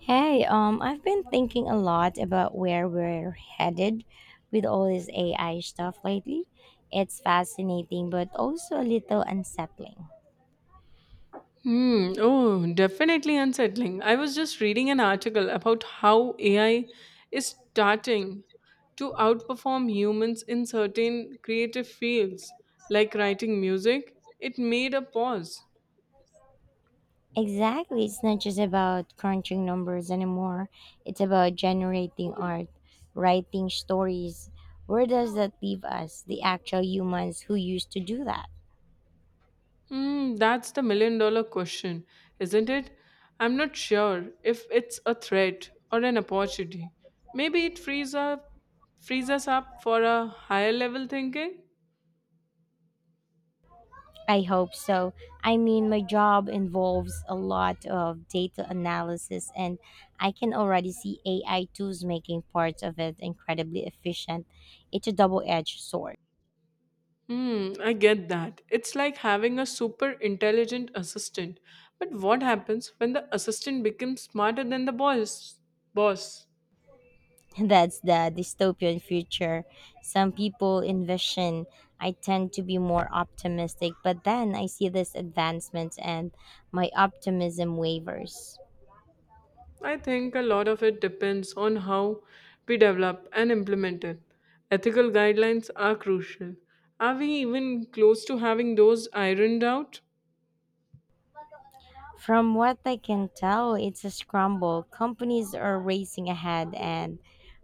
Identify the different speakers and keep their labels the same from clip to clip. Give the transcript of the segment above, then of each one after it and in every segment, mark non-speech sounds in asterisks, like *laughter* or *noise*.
Speaker 1: Hey, I've been thinking a lot about where we're headed with all this AI stuff lately. It's fascinating, but also a little unsettling.
Speaker 2: Hmm. Oh, definitely unsettling. I was just reading an article about how AI is starting to outperform humans in certain creative fields, like writing music. It made a pause.
Speaker 1: Exactly, it's not just about crunching numbers anymore, it's about generating art, writing stories. Where does that leave us, the actual humans who used to do that?
Speaker 2: That's the million dollar question, isn't it? I'm not sure if it's a threat or an opportunity. Maybe it frees us up for a higher level thinking.
Speaker 1: I hope so. I mean, my job involves a lot of data analysis, and I can already see AI tools making parts of it incredibly efficient. It's a double edged sword.
Speaker 2: I get that. It's like having a super intelligent assistant. But what happens when the assistant becomes smarter than the boss? Boss.
Speaker 1: *laughs* That's the dystopian future some people envision. I tend to be more optimistic, but then I see this advancement and my optimism wavers.
Speaker 2: I think a lot of it depends on how we develop and implement it. Ethical guidelines are crucial. Are we even close to having those ironed out?
Speaker 1: From what I can tell, it's a scramble. Companies are racing ahead and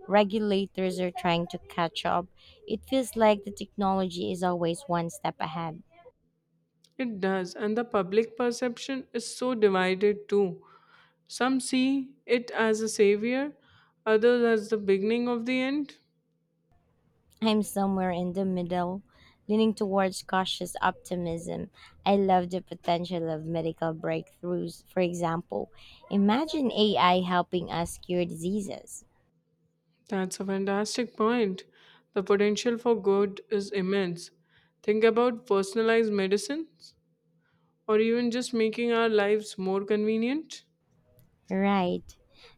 Speaker 1: regulators are trying to catch up. It feels like the technology is always one step ahead.
Speaker 2: It does, and the public perception is so divided too. Some see it as a savior, others as the beginning of the end.
Speaker 1: I'm somewhere in the middle, leaning towards cautious optimism. I love the potential of medical breakthroughs. For example, imagine AI helping us cure diseases.
Speaker 2: That's a fantastic point. The potential for good is immense. Think about personalized medicines or even just making our lives more convenient.
Speaker 1: Right.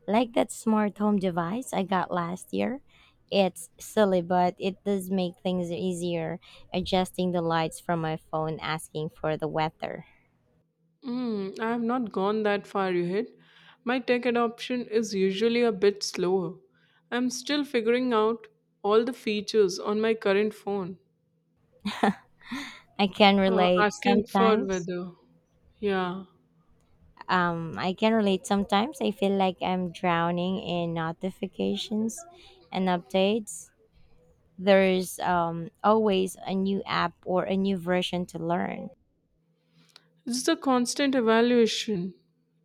Speaker 1: Like that smart home device I got last year. It's silly, but it does make things easier. Adjusting the lights from my phone, asking for the weather.
Speaker 2: I have not gone that far yet. My tech adoption is usually a bit slower. I'm still figuring out all the features on my current phone.
Speaker 1: I can relate
Speaker 2: Asking for
Speaker 1: sometimes.
Speaker 2: weather. Yeah.
Speaker 1: I can relate sometimes. I feel like I'm drowning in notifications and updates. There's always a new app or a new version to learn.
Speaker 2: It's the constant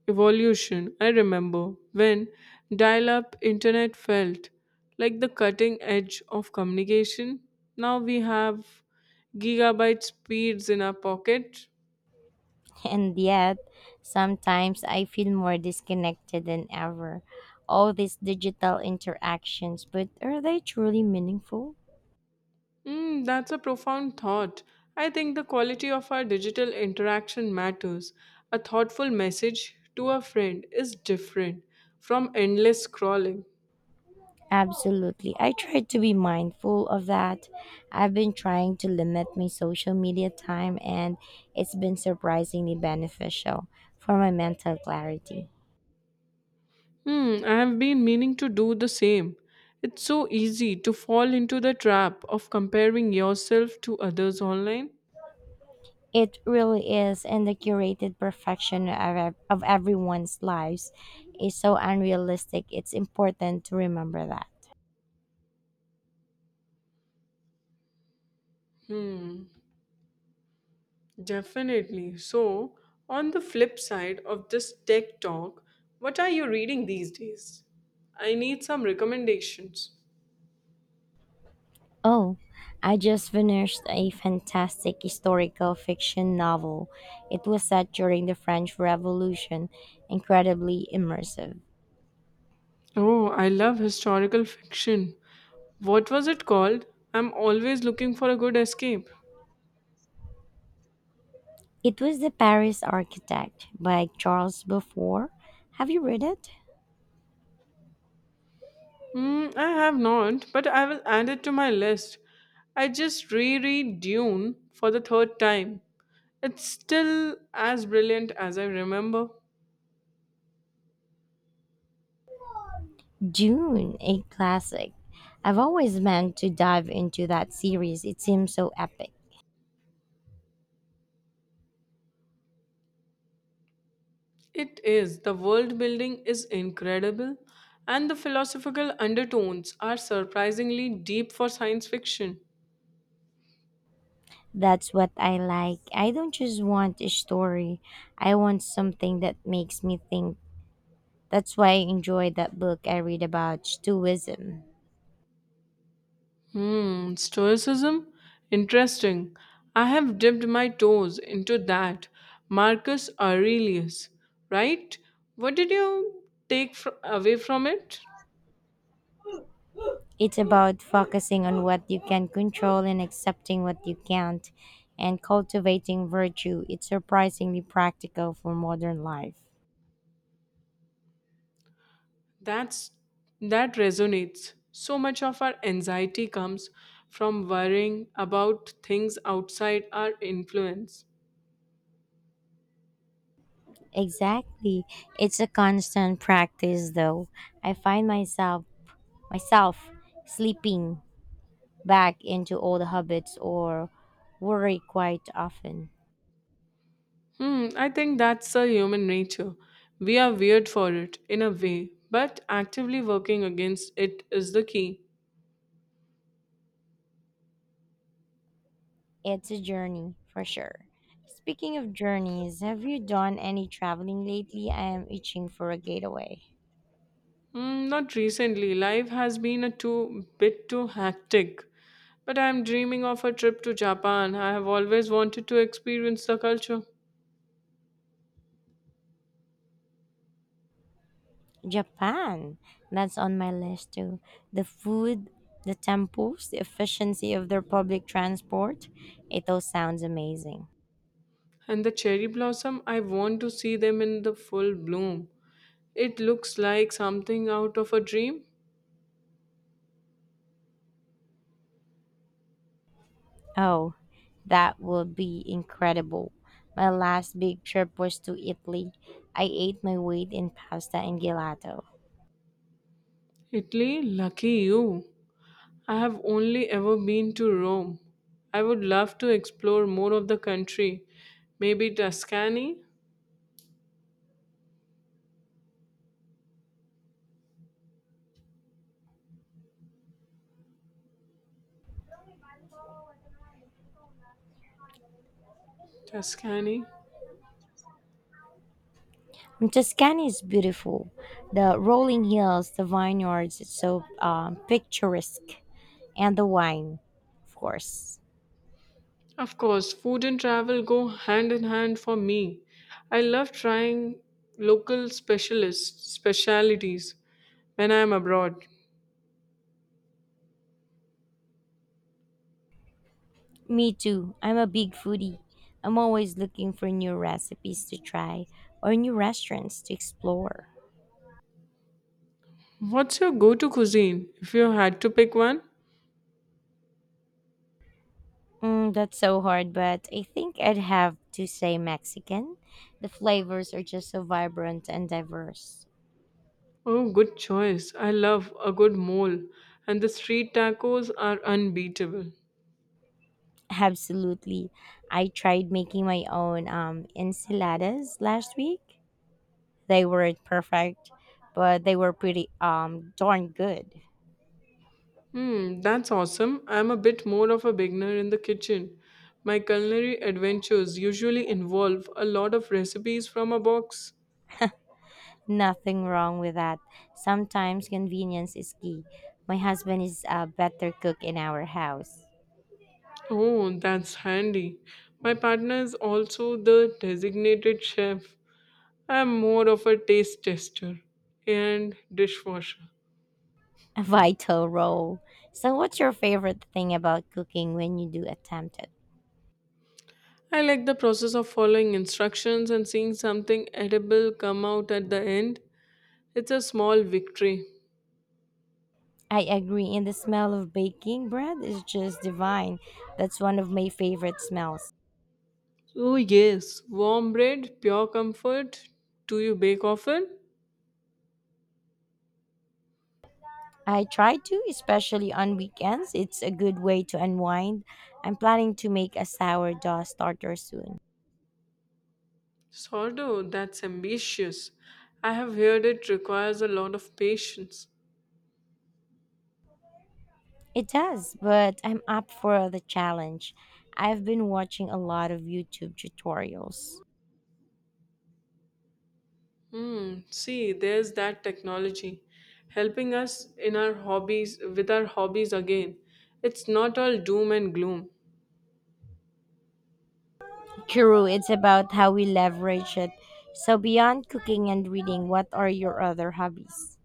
Speaker 2: evolution. I remember when dial up internet felt like the cutting edge of communication. Now we have gigabyte speeds in our pocket.
Speaker 1: And yet, sometimes I feel more disconnected than ever. All these digital interactions, but are they truly meaningful?
Speaker 2: That's a profound thought. I think the quality of our digital interaction matters. A thoughtful message to a friend is different from endless scrolling.
Speaker 1: Absolutely. I try to be mindful of that. I've been trying to limit my social media time, and it's been surprisingly beneficial for my mental clarity.
Speaker 2: I have been meaning to do the same. It's so easy to fall into the trap of comparing yourself to others online.
Speaker 1: It really is, and the curated perfection of, of everyone's lives is so unrealistic. It's important to remember that.
Speaker 2: Hmm, definitely. So, on the flip side of this tech talk, what are you reading these days? I need some recommendations.
Speaker 1: Oh, I just finished a fantastic historical fiction novel. It was set during the French Revolution, incredibly immersive.
Speaker 2: Oh, I love historical fiction. What was it called? I'm always looking for a good escape.
Speaker 1: It was The Paris Architect by Charles Beaufort. Have you read it?
Speaker 2: I have not, but I will add it to my list. I just reread Dune for the third time. It's still as brilliant as I remember.
Speaker 1: Dune, a classic. I've always meant to dive into that series. It seems so epic.
Speaker 2: It is. The world building is incredible, and the philosophical undertones are surprisingly deep for science fiction.
Speaker 1: That's what I like. I don't just want a story, I want something that makes me think. That's why I enjoy that book I read about Stoicism.
Speaker 2: Stoicism? Interesting. I have dipped my toes into that. Marcus Aurelius, right? What did you take away from it?
Speaker 1: It's about focusing on what you can control and accepting what you can't and cultivating virtue. It's surprisingly practical for modern life.
Speaker 2: That's that resonates. So much of our anxiety comes from worrying about things outside our influence.
Speaker 1: Exactly. It's a constant practice though. I find myself slipping back into old habits or worry quite often.
Speaker 2: I think that's a human nature. We are weird for it in a way, but actively working against it is the key.
Speaker 1: It's a journey for sure. Speaking of journeys, have you done any traveling lately? I am itching for a getaway.
Speaker 2: Not recently. Life has been a too bit too hectic. But I am dreaming of a trip to Japan. I have always wanted to experience the culture.
Speaker 1: Japan. That's on my list too. The food, the temples, the efficiency of their public transport. It all sounds amazing.
Speaker 2: And the cherry blossom, I want to see them in the full bloom. It looks like something out of a dream.
Speaker 1: Oh, that would be incredible. My last big trip was to Italy. I ate my weight in pasta and gelato.
Speaker 2: Italy, lucky you. I have only ever been to Rome. I would love to explore more of the country. Maybe Tuscany? Tuscany?
Speaker 1: Tuscany is beautiful. The rolling hills, the vineyards, it's so picturesque, and the wine, of course.
Speaker 2: Of course, food and travel go hand in hand for me. I love trying specialities when I am abroad.
Speaker 1: Me too. I'm a big foodie. I'm always looking for new recipes to try or new restaurants to explore.
Speaker 2: What's your go-to cuisine if you had to pick one?
Speaker 1: That's so hard, but I think I'd have to say Mexican. The flavors are just so vibrant and diverse.
Speaker 2: Oh, good choice. I love a good mole, and the street tacos are unbeatable.
Speaker 1: Absolutely. I tried making my own enchiladas last week. They weren't perfect, but they were pretty darn good.
Speaker 2: That's awesome. I'm a bit more of a beginner in the kitchen. My culinary adventures usually involve a lot of recipes from a box.
Speaker 1: Nothing wrong with that. Sometimes convenience is key. My husband is a better cook in our house. *laughs*
Speaker 2: Oh, that's handy. My partner is also the designated chef. I'm more of a taste tester and dishwasher.
Speaker 1: A vital role. So what's your favorite thing about cooking when you do attempt it?
Speaker 2: I like the process of following instructions and seeing something edible come out at the end. It's a small victory.
Speaker 1: I agree, and the smell of baking bread is just divine. That's one of my favorite smells.
Speaker 2: Oh, yes. Warm bread, pure comfort. Do you bake often?
Speaker 1: I try to, especially on weekends. It's a good way to unwind. I'm planning to make a sourdough starter soon.
Speaker 2: Sordo, that's ambitious. I have heard it requires a lot of patience.
Speaker 1: It does, but I'm up for the challenge. I've been watching a lot of YouTube tutorials.
Speaker 2: See, there's that technology helping us in our hobbies with our hobbies again. It's not all doom and gloom.
Speaker 1: True, it's about how we leverage it. So, beyond cooking and reading, what are your other hobbies?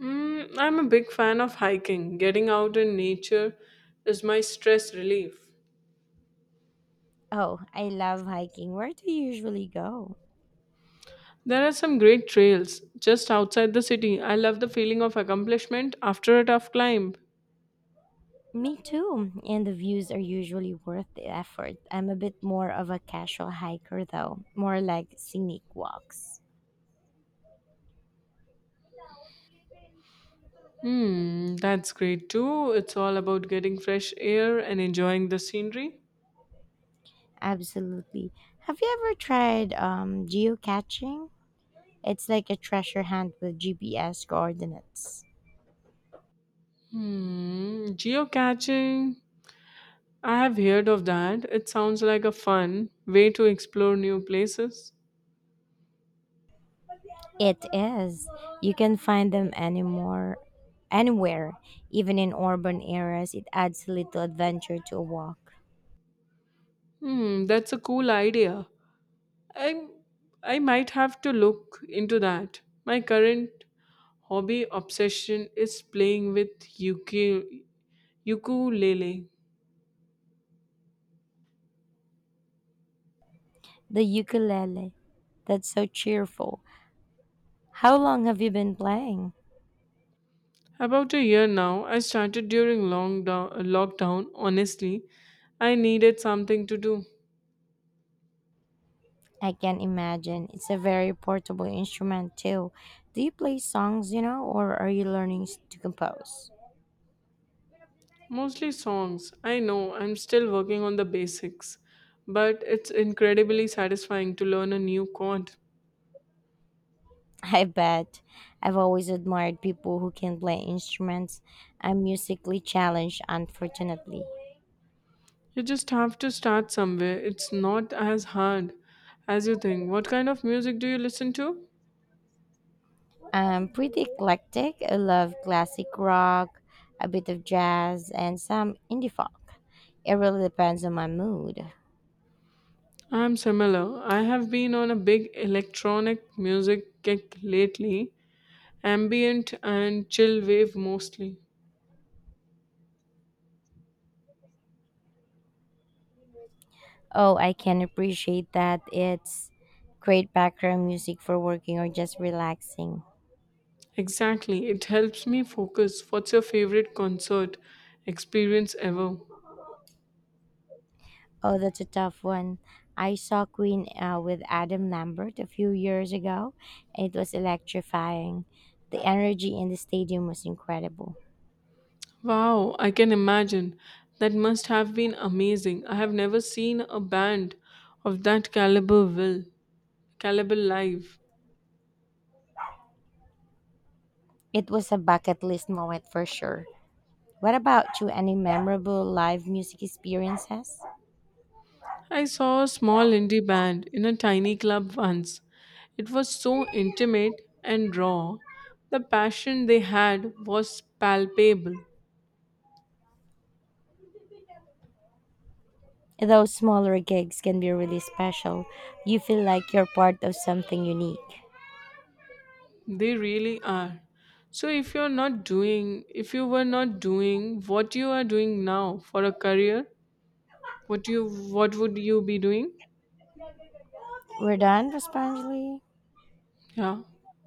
Speaker 2: I'm a big fan of hiking. Getting out in nature is my stress relief.
Speaker 1: Oh, I love hiking. Where do you usually go?
Speaker 2: There are some great trails just outside the city. I love the feeling of accomplishment after a tough climb.
Speaker 1: Me too, and the views are usually worth the effort. I'm a bit more of a casual hiker, though, more like scenic walks.
Speaker 2: That's great too. It's all about getting fresh air and enjoying the scenery.
Speaker 1: Absolutely. Have you ever tried geocaching? It's like a treasure hunt with GPS coordinates.
Speaker 2: Geocaching I have heard of that. It sounds like a fun way to explore new places.
Speaker 1: It is. You can find them anywhere, even in urban areas. It adds a little adventure to a walk.
Speaker 2: That's a cool idea. I I might have to look into that. My current hobby obsession is playing with ukulele.
Speaker 1: The ukulele. That's so cheerful. How long have you been playing?
Speaker 2: About a year now, I started during long lockdown. Honestly, I needed something to do.
Speaker 1: I can imagine. It's a very portable instrument, too. Do you play songs, you know, or are you learning to compose?
Speaker 2: Mostly songs. I know I'm still working on the basics, but it's incredibly satisfying to learn a new chord.
Speaker 1: I bet. I've always admired people who can play instruments. I'm musically challenged, unfortunately.
Speaker 2: You just have to start somewhere. It's not as hard as you think. What kind of music do you listen to?
Speaker 1: I'm pretty eclectic. I love classic rock, a bit of jazz, and some indie folk. It really depends on my mood.
Speaker 2: I'm similar. I have been on a big electronic music kick lately, ambient and chill wave mostly.
Speaker 1: Oh, I can appreciate that. It's great background music for working or just relaxing.
Speaker 2: Exactly. It helps me focus. What's your favorite concert experience ever?
Speaker 1: Oh, that's a tough one. I saw Queen with Adam Lambert a few years ago, and it was electrifying. The energy in the stadium was incredible.
Speaker 2: Wow, I can imagine. That must have been amazing. I have never seen a band of that caliber live.
Speaker 1: It was a bucket list moment for sure. What about you? Any memorable live music experiences?
Speaker 2: I saw a small indie band in a tiny club once. It was so intimate and raw. The passion they had was palpable.
Speaker 1: Those smaller gigs can be really special. You feel like you're part of something unique.
Speaker 2: They really are. So if you were not doing what you are doing now for a career, what would you be doing?
Speaker 1: We're done, responsibly.
Speaker 2: Yeah.